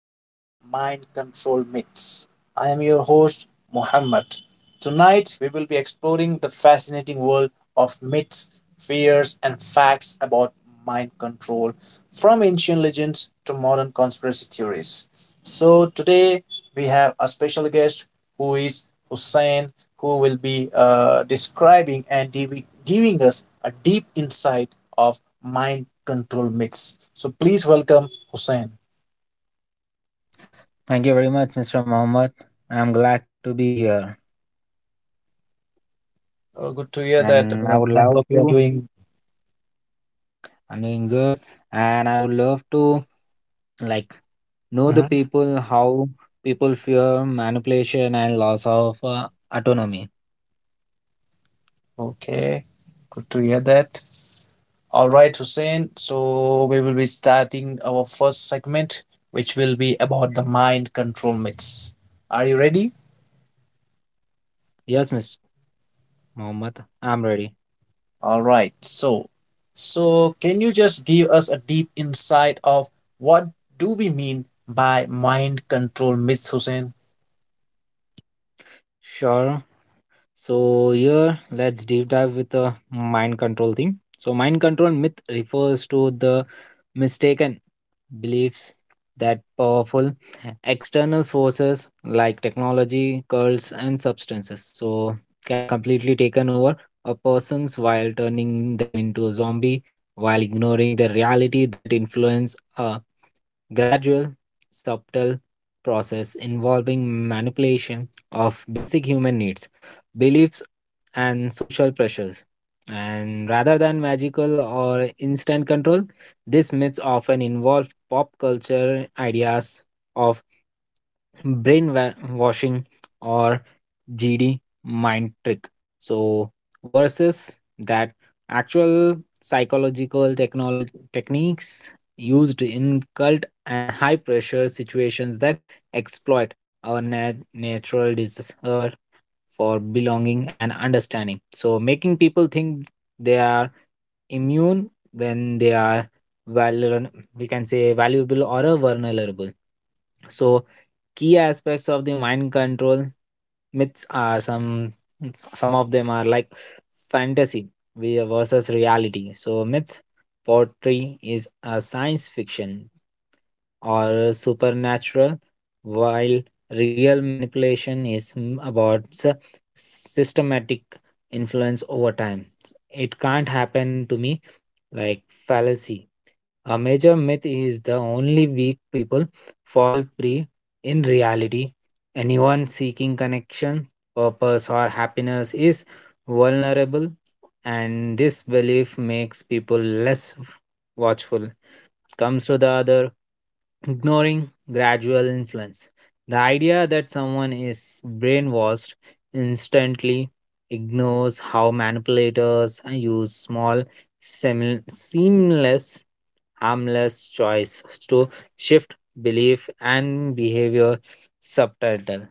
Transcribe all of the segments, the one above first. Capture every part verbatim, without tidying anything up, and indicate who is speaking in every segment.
Speaker 1: on mind control myths. I am your host, Muhammad. Tonight, we will be exploring the fascinating world of myths, fears, and facts about mind control from ancient legends to modern conspiracy theories. So, today we have a special guest who is Hussein, who will be uh, describing and div- giving us a deep insight of mind control myths. So please welcome Hussein.
Speaker 2: Thank you very much, mister Mohammed. I'm glad to be here,
Speaker 1: Oh, good to hear that.
Speaker 2: and
Speaker 1: Uh,
Speaker 2: I would
Speaker 1: I
Speaker 2: love
Speaker 1: hope you are
Speaker 2: to.
Speaker 1: doing
Speaker 2: I'm doing good, and I would love to like know the
Speaker 1: mhm,
Speaker 2: people how people fear manipulation and loss of uh, autonomy.
Speaker 1: okay. Good to hear that. All right, Hussein. So we will be starting our first segment, which will be about the mind control myths. Are you ready?
Speaker 2: Yes, mister Mohammed, I'm ready.
Speaker 1: All right. So, so can you just give us a deep insight of what do we mean by mind control myth, Hussein?
Speaker 2: Sure. So here, let's deep dive with the mind control thing. So mind control myth refers to the mistaken beliefs that powerful external forces like technology, cults, and substances so can completely taken over a person's while turning them into a zombie, while ignoring the reality that influence a gradual, subtle process involving manipulation of basic human needs, beliefs, and social pressures. And rather than magical or instant control, these myths often involve pop culture ideas of brainwashing or G D mind trick. So versus that actual psychological technology techniques used in cult and high pressure situations that exploit our nat- natural dis- uh, for belonging and understanding. So, making people think they are immune when they are vulnerable, we can say valuable or uh, vulnerable. So, key aspects of the mind control myths are some some of them are like fantasy we- versus reality. So, myths poetry is a science fiction or supernatural, while real manipulation is mm, about s- systematic influence over time. It can't happen to me like fallacy. A major myth is the only weak people fall prey. In reality, anyone seeking connection, purpose, or happiness is vulnerable, and this belief makes people less watchful comes to the other, ignoring gradual influence. The idea that someone is brainwashed instantly ignores how manipulators use small, semi- seamless, harmless choice to shift belief and behavior subtitle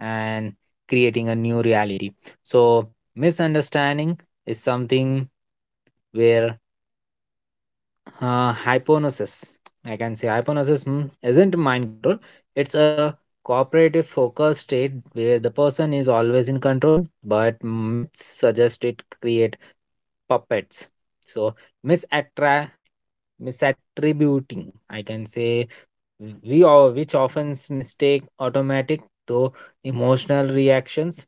Speaker 2: and creating a new reality. So misunderstanding is something where uh, hypnosis I can say hypnosis mm, isn't mind control, it's a cooperative focus state where the person is always in control, but myths suggest it create puppets. So misattra misattributing I can say we all which often mistake automatic though emotional reactions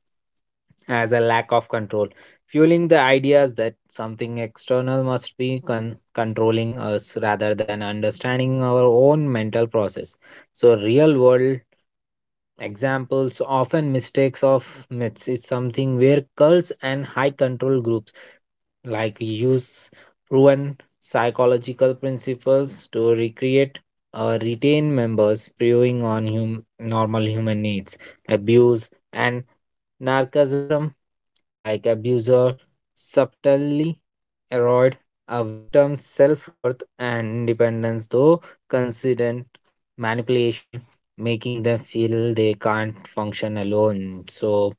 Speaker 2: as a lack of control, fueling the ideas that something external must be con- controlling us rather than understanding our own mental process. So, real world examples often mistakes of myths is something where cults and high control groups like use proven psychological principles to recreate or retain members, preying on hum- normal human needs. Abuse and narcissism, like abuser subtly erode a victim's self-worth and independence through consistent manipulation, making them feel they can't function alone. So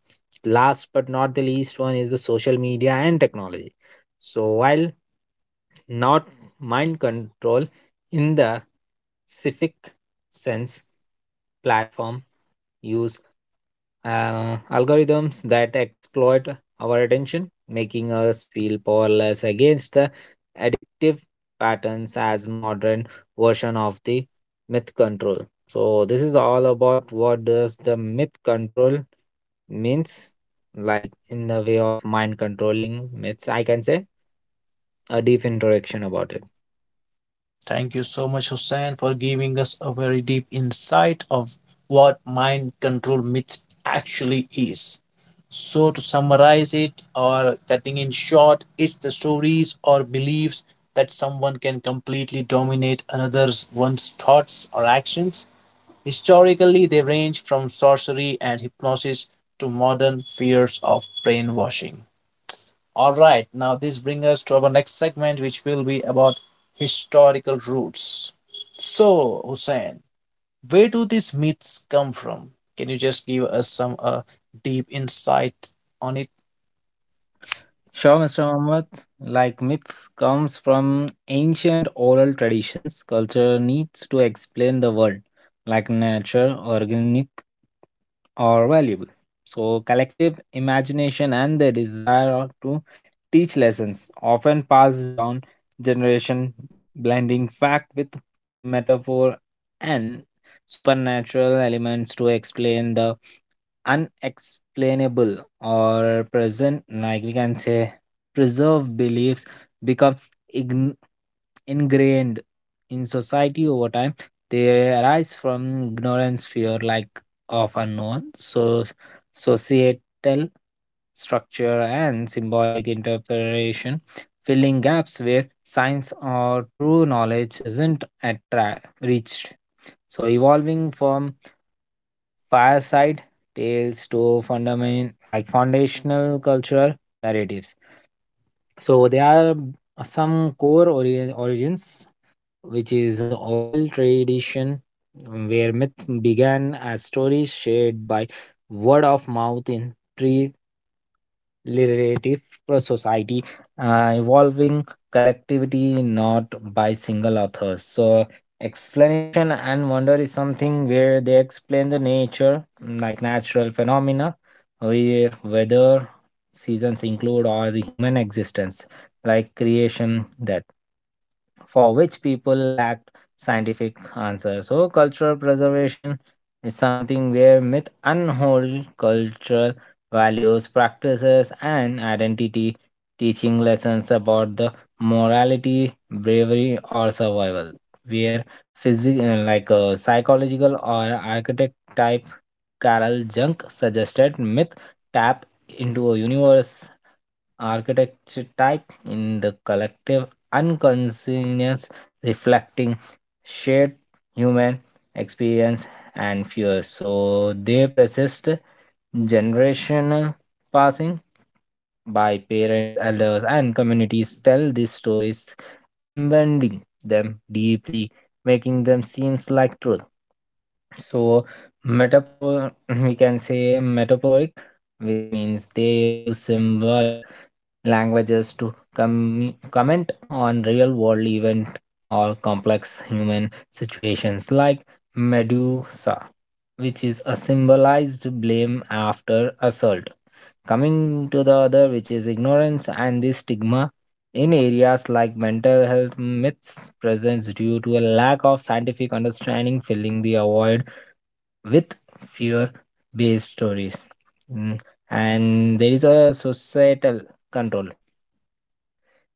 Speaker 2: last but not the least one is the social media and technology. So, while not mind control in the civic sense, platform use uh, algorithms that exploit our attention, making us feel powerless against the addictive patterns as modern version of the myth control. So this is all about what does the myth control means, like in the way of mind controlling myths. I can say a deep introduction about it.
Speaker 1: Thank you so much, Hussein, for giving us a very deep insight of what mind control myth actually is. So, to summarize it or cutting in short, it's the stories or beliefs that someone can completely dominate another's one's thoughts or actions. Historically, they range from sorcery and hypnosis to modern fears of brainwashing. All right, now this brings us to our next segment, which will be about historical roots. So, Hussein, where do these myths come from? Can you just give us some uh, deep insight on it?
Speaker 2: Sure, mister Mohammed. Like myths comes from ancient oral traditions. Culture needs to explain the world, like nature, organic or valuable. So, collective imagination and the desire to teach lessons often passes down generation, blending fact with metaphor and supernatural elements to explain the unexplainable or present, like we can say, preserve beliefs become ign- ingrained in society over time. They arise from ignorance, fear, like of unknown, so societal structure and symbolic interpretation, filling gaps where science or true knowledge isn't at tra- reached. So evolving from fireside tales to fundament like foundational cultural narratives. So there are some core ori- origins, which is oral tradition. Mm, where myth began as stories shared by word of mouth in pre relative society, uh, evolving collectivity, not by single authors. So explanation and wonder is something where they explain the nature, mm, like natural phenomena, where weather seasons include or the human existence like creation, that for which people lacked scientific answers. So cultural preservation is something where myth unhold cultural values, practices and identity, teaching lessons about the morality, bravery or survival. Where physical like a psychological or architect type, Carol Jung suggested myth tap into a universe architecture type in the collective unconsciousness, reflecting shared human experience and fears. So they persist generational, passing by parents, elders, and communities tell these stories, embedding them deeply, making them seems like truth. So metapro we can say metaphoric, which means they use symbolic languages to com- comment on real world event or complex human situations, like Medusa, which is a symbolized blame after assault, coming to the other which is ignorance and the stigma in areas like mental health. Myths presence due to a lack of scientific understanding, filling the void with fear based stories. Mm, and there is a societal control.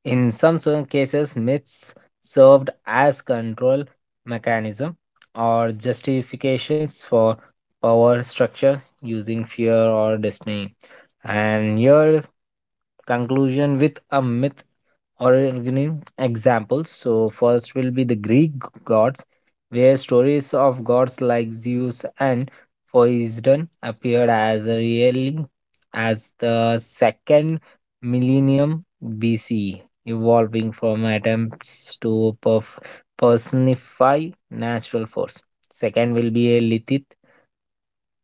Speaker 2: In some certain cases, myths served as control mechanism or justifications for power structure using fear or destiny. And your conclusion with a myth or an example. So first will be the Greek gods, where stories of gods like Zeus and Poseidon appeared as early as the second millennium B C E, evolving from attempts to perf- personify natural force. Second will be a Lilith,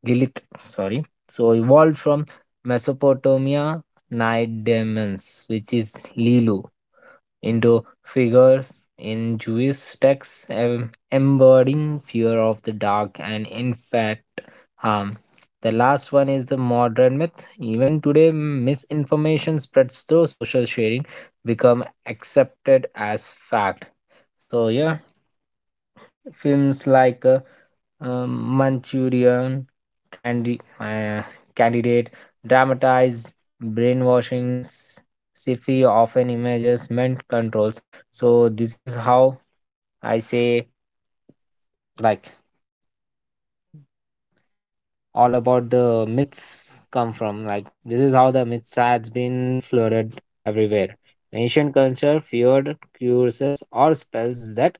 Speaker 2: Lilith, sorry. So evolved from Mesopotamia night demons, which is Lilu, into figures in Jewish texts em- embodying fear of the dark and, in fact, harm. The last one is the modern myth. Even today, misinformation spreads through social sharing, become accepted as fact. So yeah, films like uh, um, Manchurian candy uh, candidate dramatized brainwashing, sci-fi often images meant controls. So this is how I say like all about the myths come from. Like this is how the myths has been flooded everywhere. Ancient culture feared curses or spells that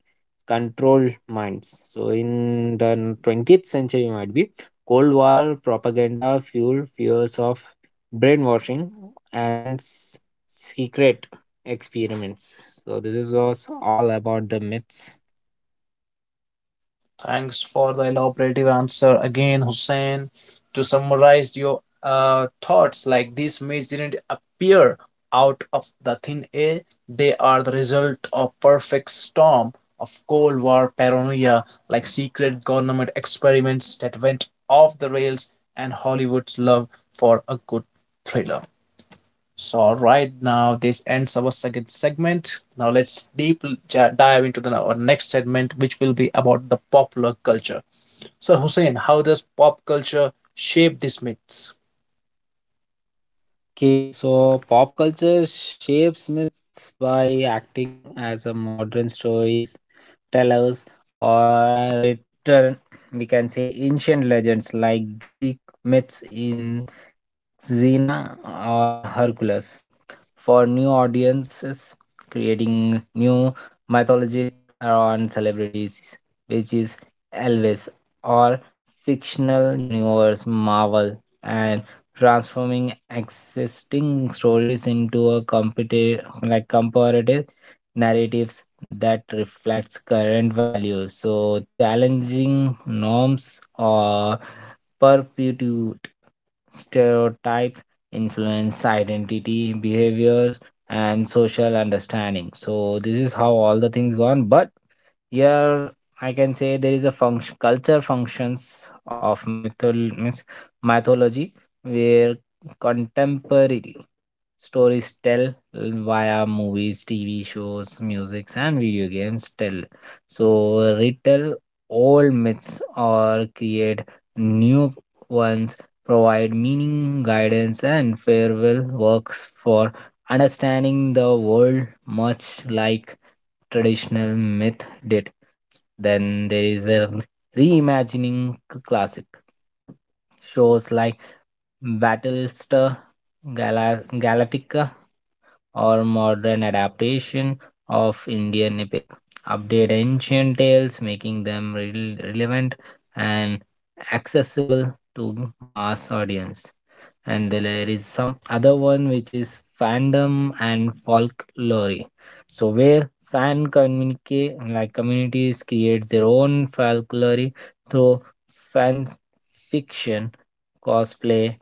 Speaker 2: control minds. So in the twentieth century might be Cold War propaganda fueled fears of brainwashing and s- secret experiments. So this is was all about the myths.
Speaker 1: Thanks for the elaborative answer again, Hussein. To summarize your uh, thoughts, like these myths didn't appear out of the thin air, they are the result of perfect storm of Cold War paranoia, like secret government experiments that went off the rails and Hollywood's love for a good thriller. So, all right, now this ends our second segment. Now, let's deep ja- dive into the, our next segment, which will be about the popular culture. So, Hussein, how does pop culture shape these myths?
Speaker 2: Okay, so pop culture shapes myths by acting as a modern stories tellers or return, we can say ancient legends like Greek myths in Xena or Hercules. For new audiences, creating new mythology around celebrities, which is Elvis or fictional universe Marvel, and transforming existing stories into a competitive, like comparative narratives that reflects current values. So challenging norms or perpetuate stereotype influence identity behaviors and social understanding. So this is how all the things gone. But here I can say there is a function culture functions of mythol- means mythology, where contemporary stories tell via movies, tv shows, musics, and video games tell so retell old myths or create new ones, provide meaning, guidance, and farewell works for understanding the world, much like traditional myth did. Then there is a reimagining c- classic shows like Battlestar Gala- Galactica or modern adaptation of Indian epic, update ancient tales, making them rel- relevant and accessible to mass audience. And there is some other one which is fandom and folklore. So where fan communicate like communities create their own folklore through fan fiction, cosplay,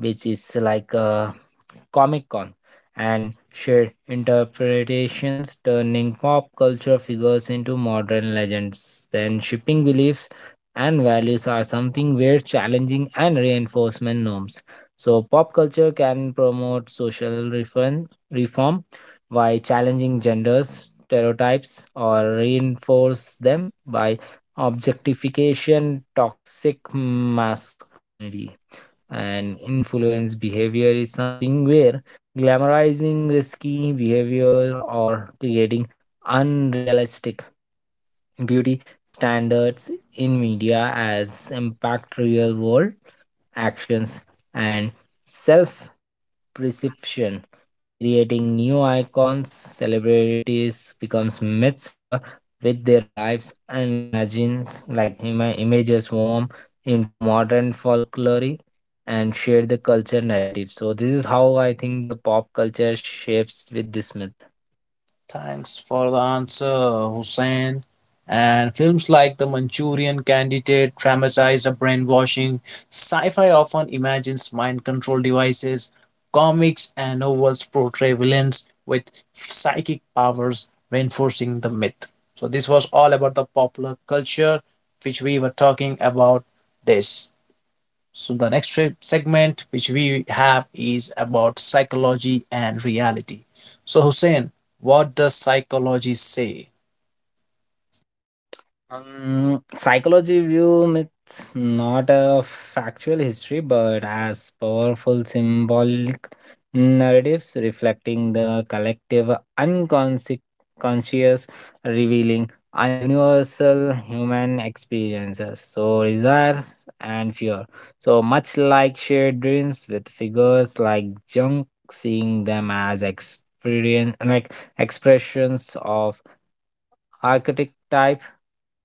Speaker 2: which is like a Comic Con, and shared interpretations, turning pop culture figures into modern legends. Then, shipping beliefs and values are something we're challenging and reinforcement norms. So, pop culture can promote social reform, reform by challenging genders, stereotypes, or reinforce them by objectification, toxic masculinity, and influence behavior is something where glamorizing risky behavior or creating unrealistic beauty standards in media as impact real world actions and self perception, creating new icons, celebrities becomes mythosphere with their lives and imagines like ima- images warm into modern folklore and share the culture narrative. So this is how I think the pop culture shapes with this myth.
Speaker 1: Thanks for the answer, Hussein. And films like The Manchurian Candidate dramatize the brainwashing. Sci fi often imagines mind control devices. Comics and novels portray villains with psychic powers, reinforcing the myth. So, this was all about the popular culture which we were talking about this. So, the next segment which we have is about psychology and reality. So, Hussein, what does psychology say?
Speaker 2: Um, psychology view myths not a factual history, but as powerful symbolic narratives reflecting the collective unconscious, conscious, revealing a universal human experiences. So desires and fear. So much like shared dreams with figures like junk, seeing them as experience like expressions of architect type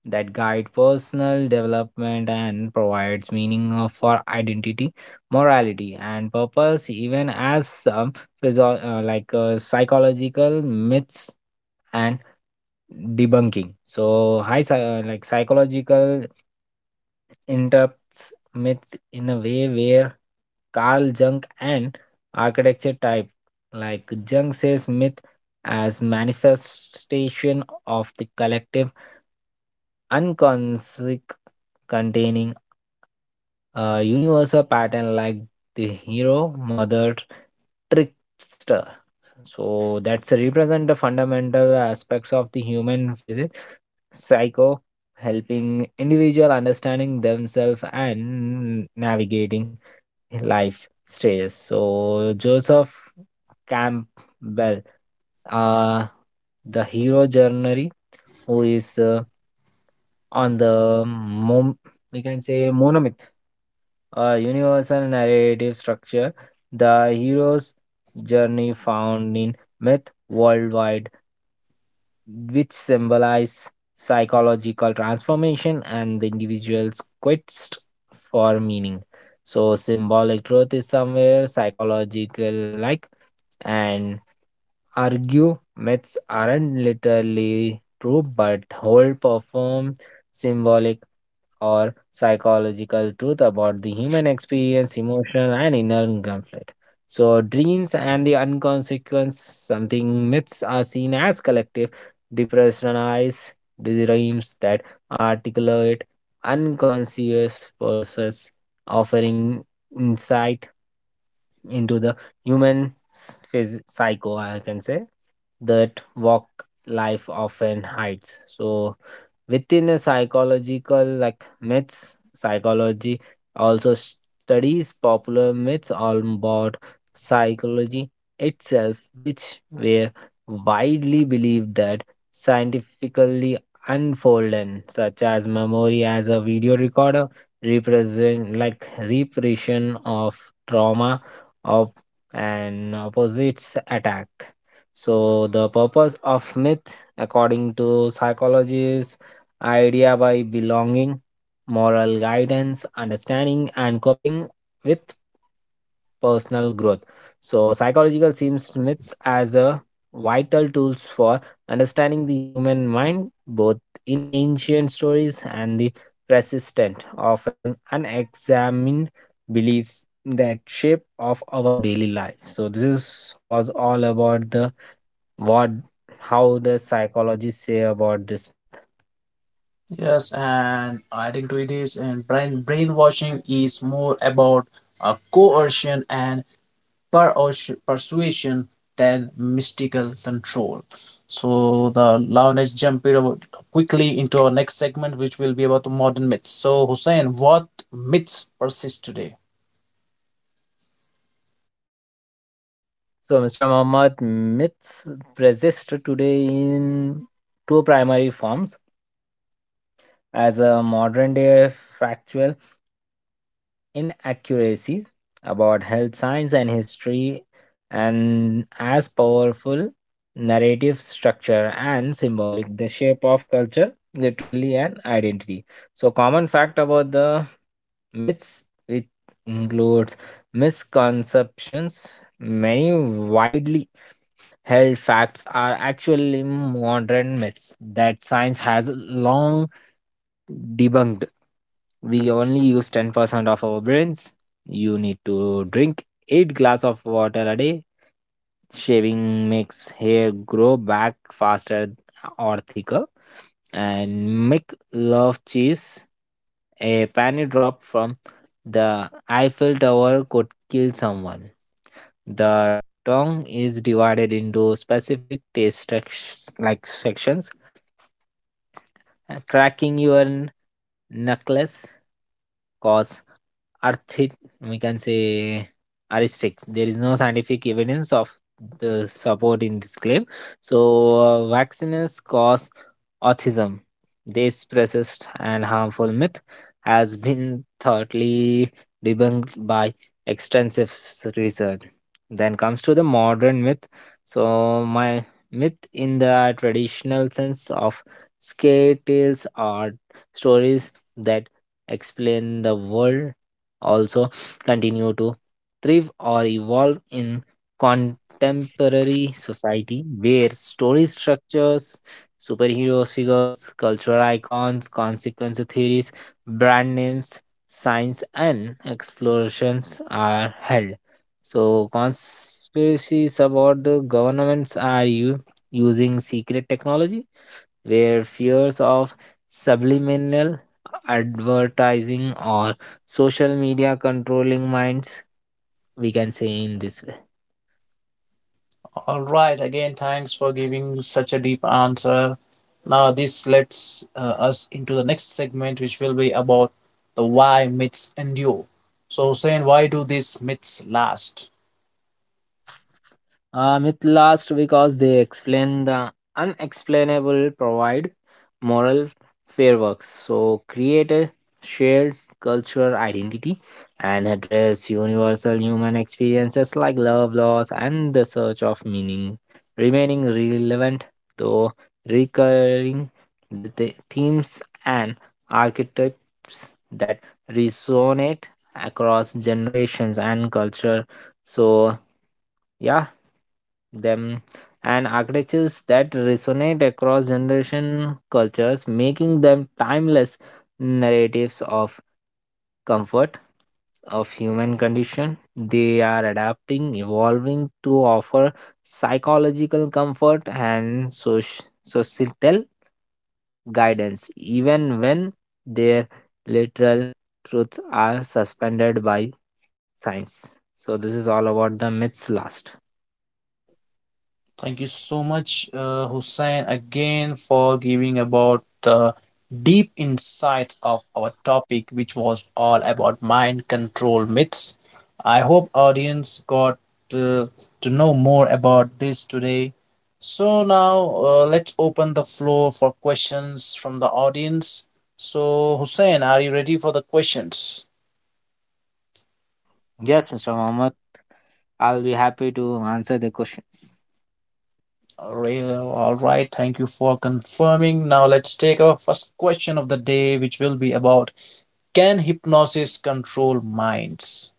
Speaker 2: that guide personal development and provides meaning of- for identity, morality and purpose, even as some physio- uh, like uh, psychological myths and debunking. So high psy- uh, like psychological interrupts myths in a way where Carl Jung and architecture type. Like Jung says myth as manifestation of the collective unconscious, containing a universal pattern like the hero, mother, trickster. So that's represent the fundamental aspects of the human physics, psycho, helping individual understanding themselves and navigating life stages. So Joseph Campbell, uh, the hero journey, who is uh, on the mom we can say monomyth, a universal narrative structure, the hero's journey found in myth worldwide, which symbolize psychological transformation and the individual's quest for meaning. So symbolic truth is somewhere psychological like and arguments aren't literally true, but hold perform symbolic or psychological truth about the human experience, emotion, and inner conflict. So, dreams and the unconsequence, something myths are seen as collective, depersonalized dreams that articulate unconscious process, offering insight into the human phys- psycho I can say that walk life often hides so within a psychological like myths psychology also studies popular myths all about psychology itself which were widely believed that scientifically unfolded such as memory as a video recorder represent like repression of trauma of an opposites attack. So the purpose of myth, according to psychology, is idea by belonging, moral guidance, understanding, and coping with personal growth. So, psychological seems myths as a vital tools for understanding the human mind, both in ancient stories and the persistent, often unexamined beliefs that shape of our daily life. So this is, was all about the what how the psychologists say about this myth.
Speaker 1: Yes, and I think it is, and brain brainwashing is more about a coercion and persuas- persuasion than mystical control. So the now let's jump it about quickly into our next segment, which will be about the modern myths. So Hussein, what myths persist today?
Speaker 2: So Mister Muhammad, myths persist today in two primary forms as a modern day factual inaccuracy about health science and history and as powerful narrative structure and symbolic the shape of culture literally and identity, so common fact about the myths which includes misconceptions, many widely held facts are actually modern myths that science has long debunked. We only use ten percent of our brains. You need to drink eight glass of water a day. Shaving makes hair grow back faster or thicker. And Mick love cheese. A penny drop from the Eiffel Tower could kill someone. The tongue is divided into specific taste tex- like sections, uh, cracking your n- knuckles cause arthritis, we can say aristic there is no scientific evidence of the support in this claim. So uh, vaccines cause autism, this racist and harmful myth, has been thoroughly debunked by extensive s- research. Then comes to the modern myth. So, my myth in the traditional sense of scare tales are stories that explain the world, also continue to thrive or evolve in contemporary society where story structures, superheroes figures, cultural icons, consequence theories, brand names, science, and explorations are held. So, conspiracies about the governments are you using secret technology, where fears of subliminal advertising or social media controlling minds, we can say in this way.
Speaker 1: All right. Again, thanks for giving such a deep answer. Now, this lets uh, us into the next segment, which will be about the why myths endure. So, saying why do these myths last?
Speaker 2: I'm it last because they explain the unexplainable, provide moral fireworks, so create a shared cultural identity and address universal human experiences like love, loss, and the search of meaning, remaining relevant though recurring the the themes and archetypes that resonate across generations and culture. So yeah, them and architectures that resonate across generation cultures making them timeless narratives of comfort of human condition, they are adapting evolving to offer psychological comfort and soci- societal guidance even when their literal truths are suspended by science, so this is all about the myths last.
Speaker 1: Thank you so much, uh, Hussein, again for giving about the deep insight of our topic, which was all about mind control myths. I hope audience got uh, to know more about this today. So now uh, let's open the floor for questions from the audience. So Hussein, are you ready for the questions?
Speaker 2: Yes, Mister Mohammed, I'll be happy to answer the questions.
Speaker 1: All right, all right, thank you for confirming. Now let's take our first question of the day, which will be about can hypnosis control minds?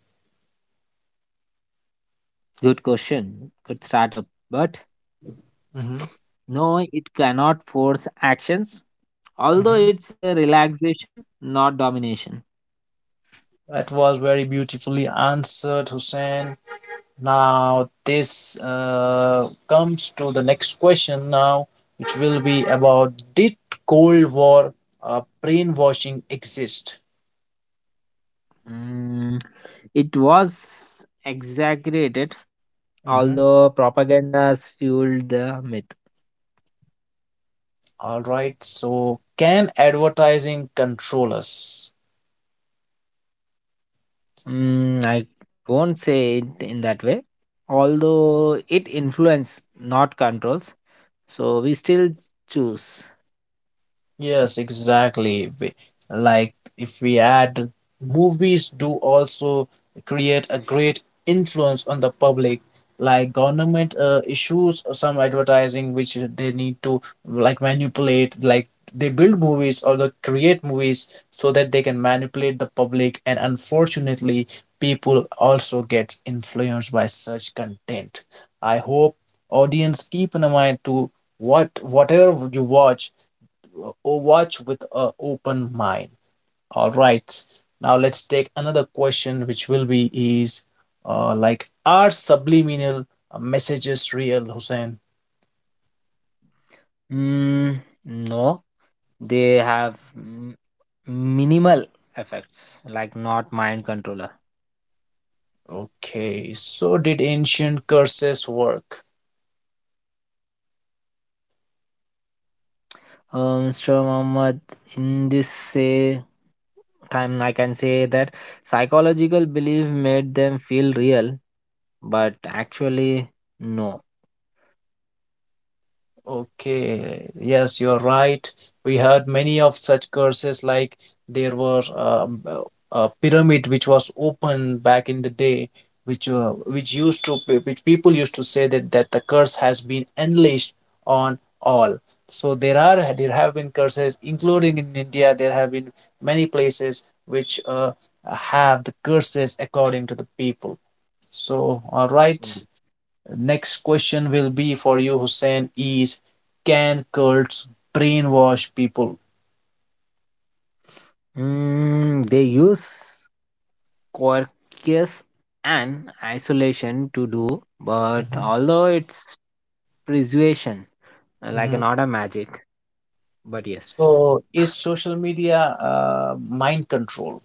Speaker 2: Good question, good startup. But
Speaker 1: Mhm,
Speaker 2: no, it cannot force actions, although
Speaker 1: mhm.
Speaker 2: it's a relaxation, not domination.
Speaker 1: That was very beautifully answered, Hussein. Now, this uh, comes to the next question now, which will be about did Cold War uh, brainwashing exist?
Speaker 2: Mm, it was exaggerated,
Speaker 1: Mhm.
Speaker 2: although propagandas fueled the myth.
Speaker 1: All right, so can advertising control us?
Speaker 2: Mm, I won't say it in that way, although it influence, not controls. So we still choose.
Speaker 1: Yes, exactly. We, like if we add movies do also create a great influence on the public. Like government uh, issues some advertising which they need to like manipulate. Like they build movies or they create movies so that they can manipulate the public. And unfortunately, people also get influenced by such content. I hope audience keep in mind to what whatever you watch o- watch with an open mind. All right. Now let's take another question, which will be is uh, like are subliminal uh, messages real, Hussein?
Speaker 2: Mm, no, they have m- minimal effects, like not mind controller.
Speaker 1: Okay. So did ancient curses work?
Speaker 2: Uh, Mister Muhammad, in this say time, I can say that psychological belief made them feel real, but actually, no.
Speaker 1: Okay, yes, you're right. We had many of such curses, like there was um, a, a pyramid which was open back in the day, which uh, which used to which people used to say that that the curse has been unleashed on all. So there are there have been curses, including in India. There have been many places which uh, have the curses according to the people. So all right. Next question will be for you, Hussein, is can cults brainwash people?
Speaker 2: Mm, they use quirkiness and isolation to do, but
Speaker 1: Mhm,
Speaker 2: although it's persuasion, like
Speaker 1: mhm.
Speaker 2: not a magic, but yes.
Speaker 1: So is social media uh, mind control?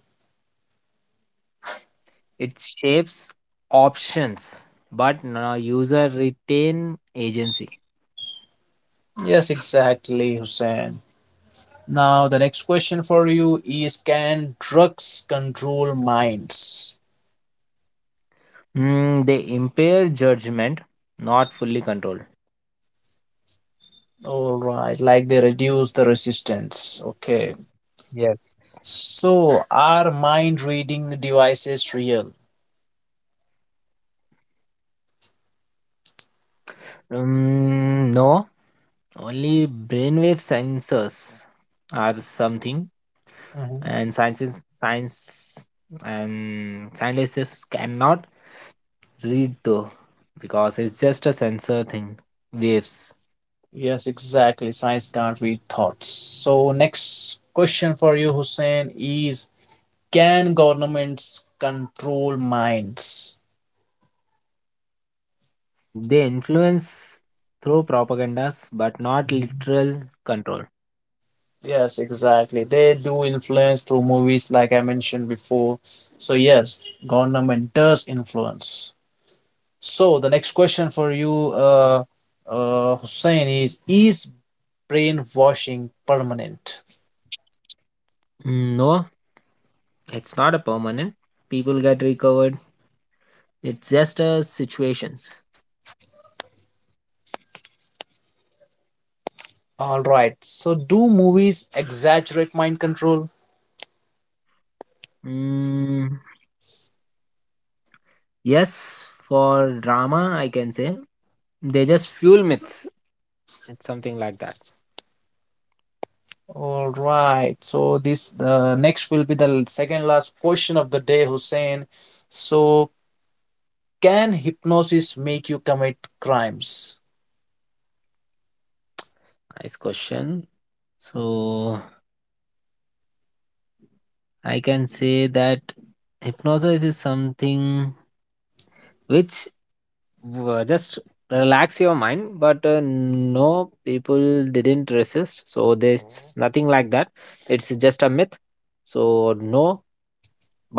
Speaker 2: It shapes options, but no user retain agency.
Speaker 1: Yes, exactly, Hussein. Now the next question for you is can drugs control minds?
Speaker 2: Mm, they impair judgment, not fully control.
Speaker 1: All right, like they reduce the resistance. Okay.
Speaker 2: Yes.
Speaker 1: So are mind reading devices real?
Speaker 2: Mm, no, only brainwave sensors are the something, and sciences, science and scientists cannot read though because it's just a sensor thing. Waves.
Speaker 1: Yes, exactly. Science can't read thoughts. So, next question for you, Hussein, is can governments control minds?
Speaker 2: Mm, they influence through propagandas, but not
Speaker 1: Mhm.
Speaker 2: literal control.
Speaker 1: Yes, exactly. They do influence through movies, like I mentioned before. So, yes, government does influence. So, the next question for you, uh, uh, Hussein, is Is brainwashing permanent?
Speaker 2: Mm, no, it's not a permanent. People get recovered. It's just uh, situations.
Speaker 1: All right. So, do movies exaggerate mind control?
Speaker 2: Mm, yes, for drama, I can say they just fuel myths. It's something like that.
Speaker 1: All right. So this uh, next will be the second last question of the day, Hussein. So can hypnosis make you commit crimes?
Speaker 2: Nice question. So I can say that hypnosis is something which w- just relax your mind, but uh, no, people didn't resist. So there's nothing like that. It's just a myth. So no,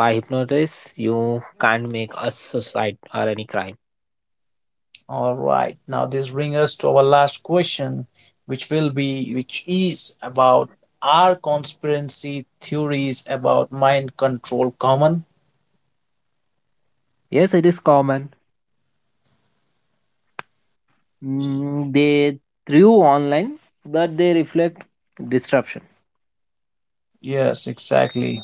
Speaker 2: by hypnosis, you can't make a suicide or any crime.
Speaker 1: All right. Now this brings us to our last question, which will be which is about are conspiracy theories about mind control common?
Speaker 2: Yes, it is common. Mm, they threw online, but they reflect disruption.
Speaker 1: Yes, exactly.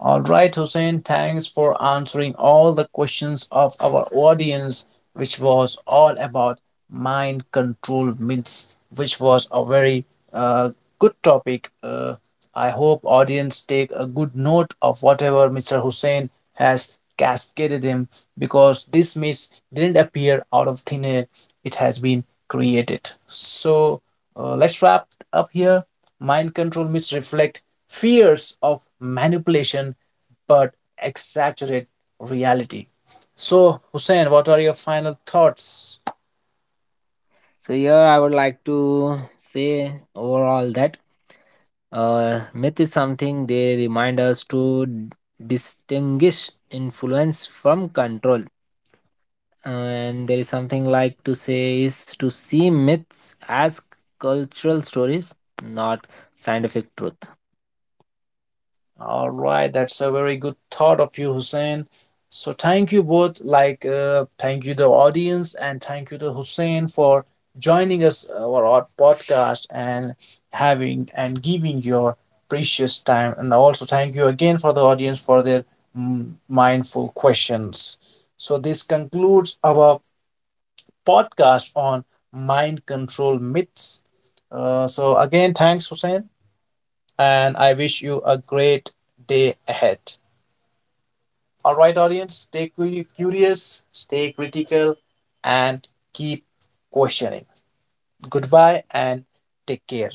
Speaker 1: All right, Hussein, thanks for answering all the questions of our audience, which was all about mind control myths, which was a very uh, good topic. Uh, I hope audience take a good note of whatever Mister Hussein has cascaded him because this myth didn't appear out of thin air. It has been created. So uh, let's wrap up here mind control myths reflect fears of manipulation but exaggerate reality. So, Hussein, what are your final thoughts?
Speaker 2: So here I would like to say overall that uh, myth is something they remind us to d- distinguish influence from control. And there is something like to say is to see myths as cultural stories, not scientific truth.
Speaker 1: All right, that's a very good thought of you, Hussein. So thank you both, like uh, thank you the audience and thank you to Hussein for joining us uh, our odd podcast and having and giving your precious time. And also thank you again for the audience for their mm, mindful questions. So this concludes our podcast on mind control myths. Uh, so again, thanks Hussein, and I wish you a great day ahead. All right, audience, stay curious, stay critical, and keep questioning. Goodbye and take care.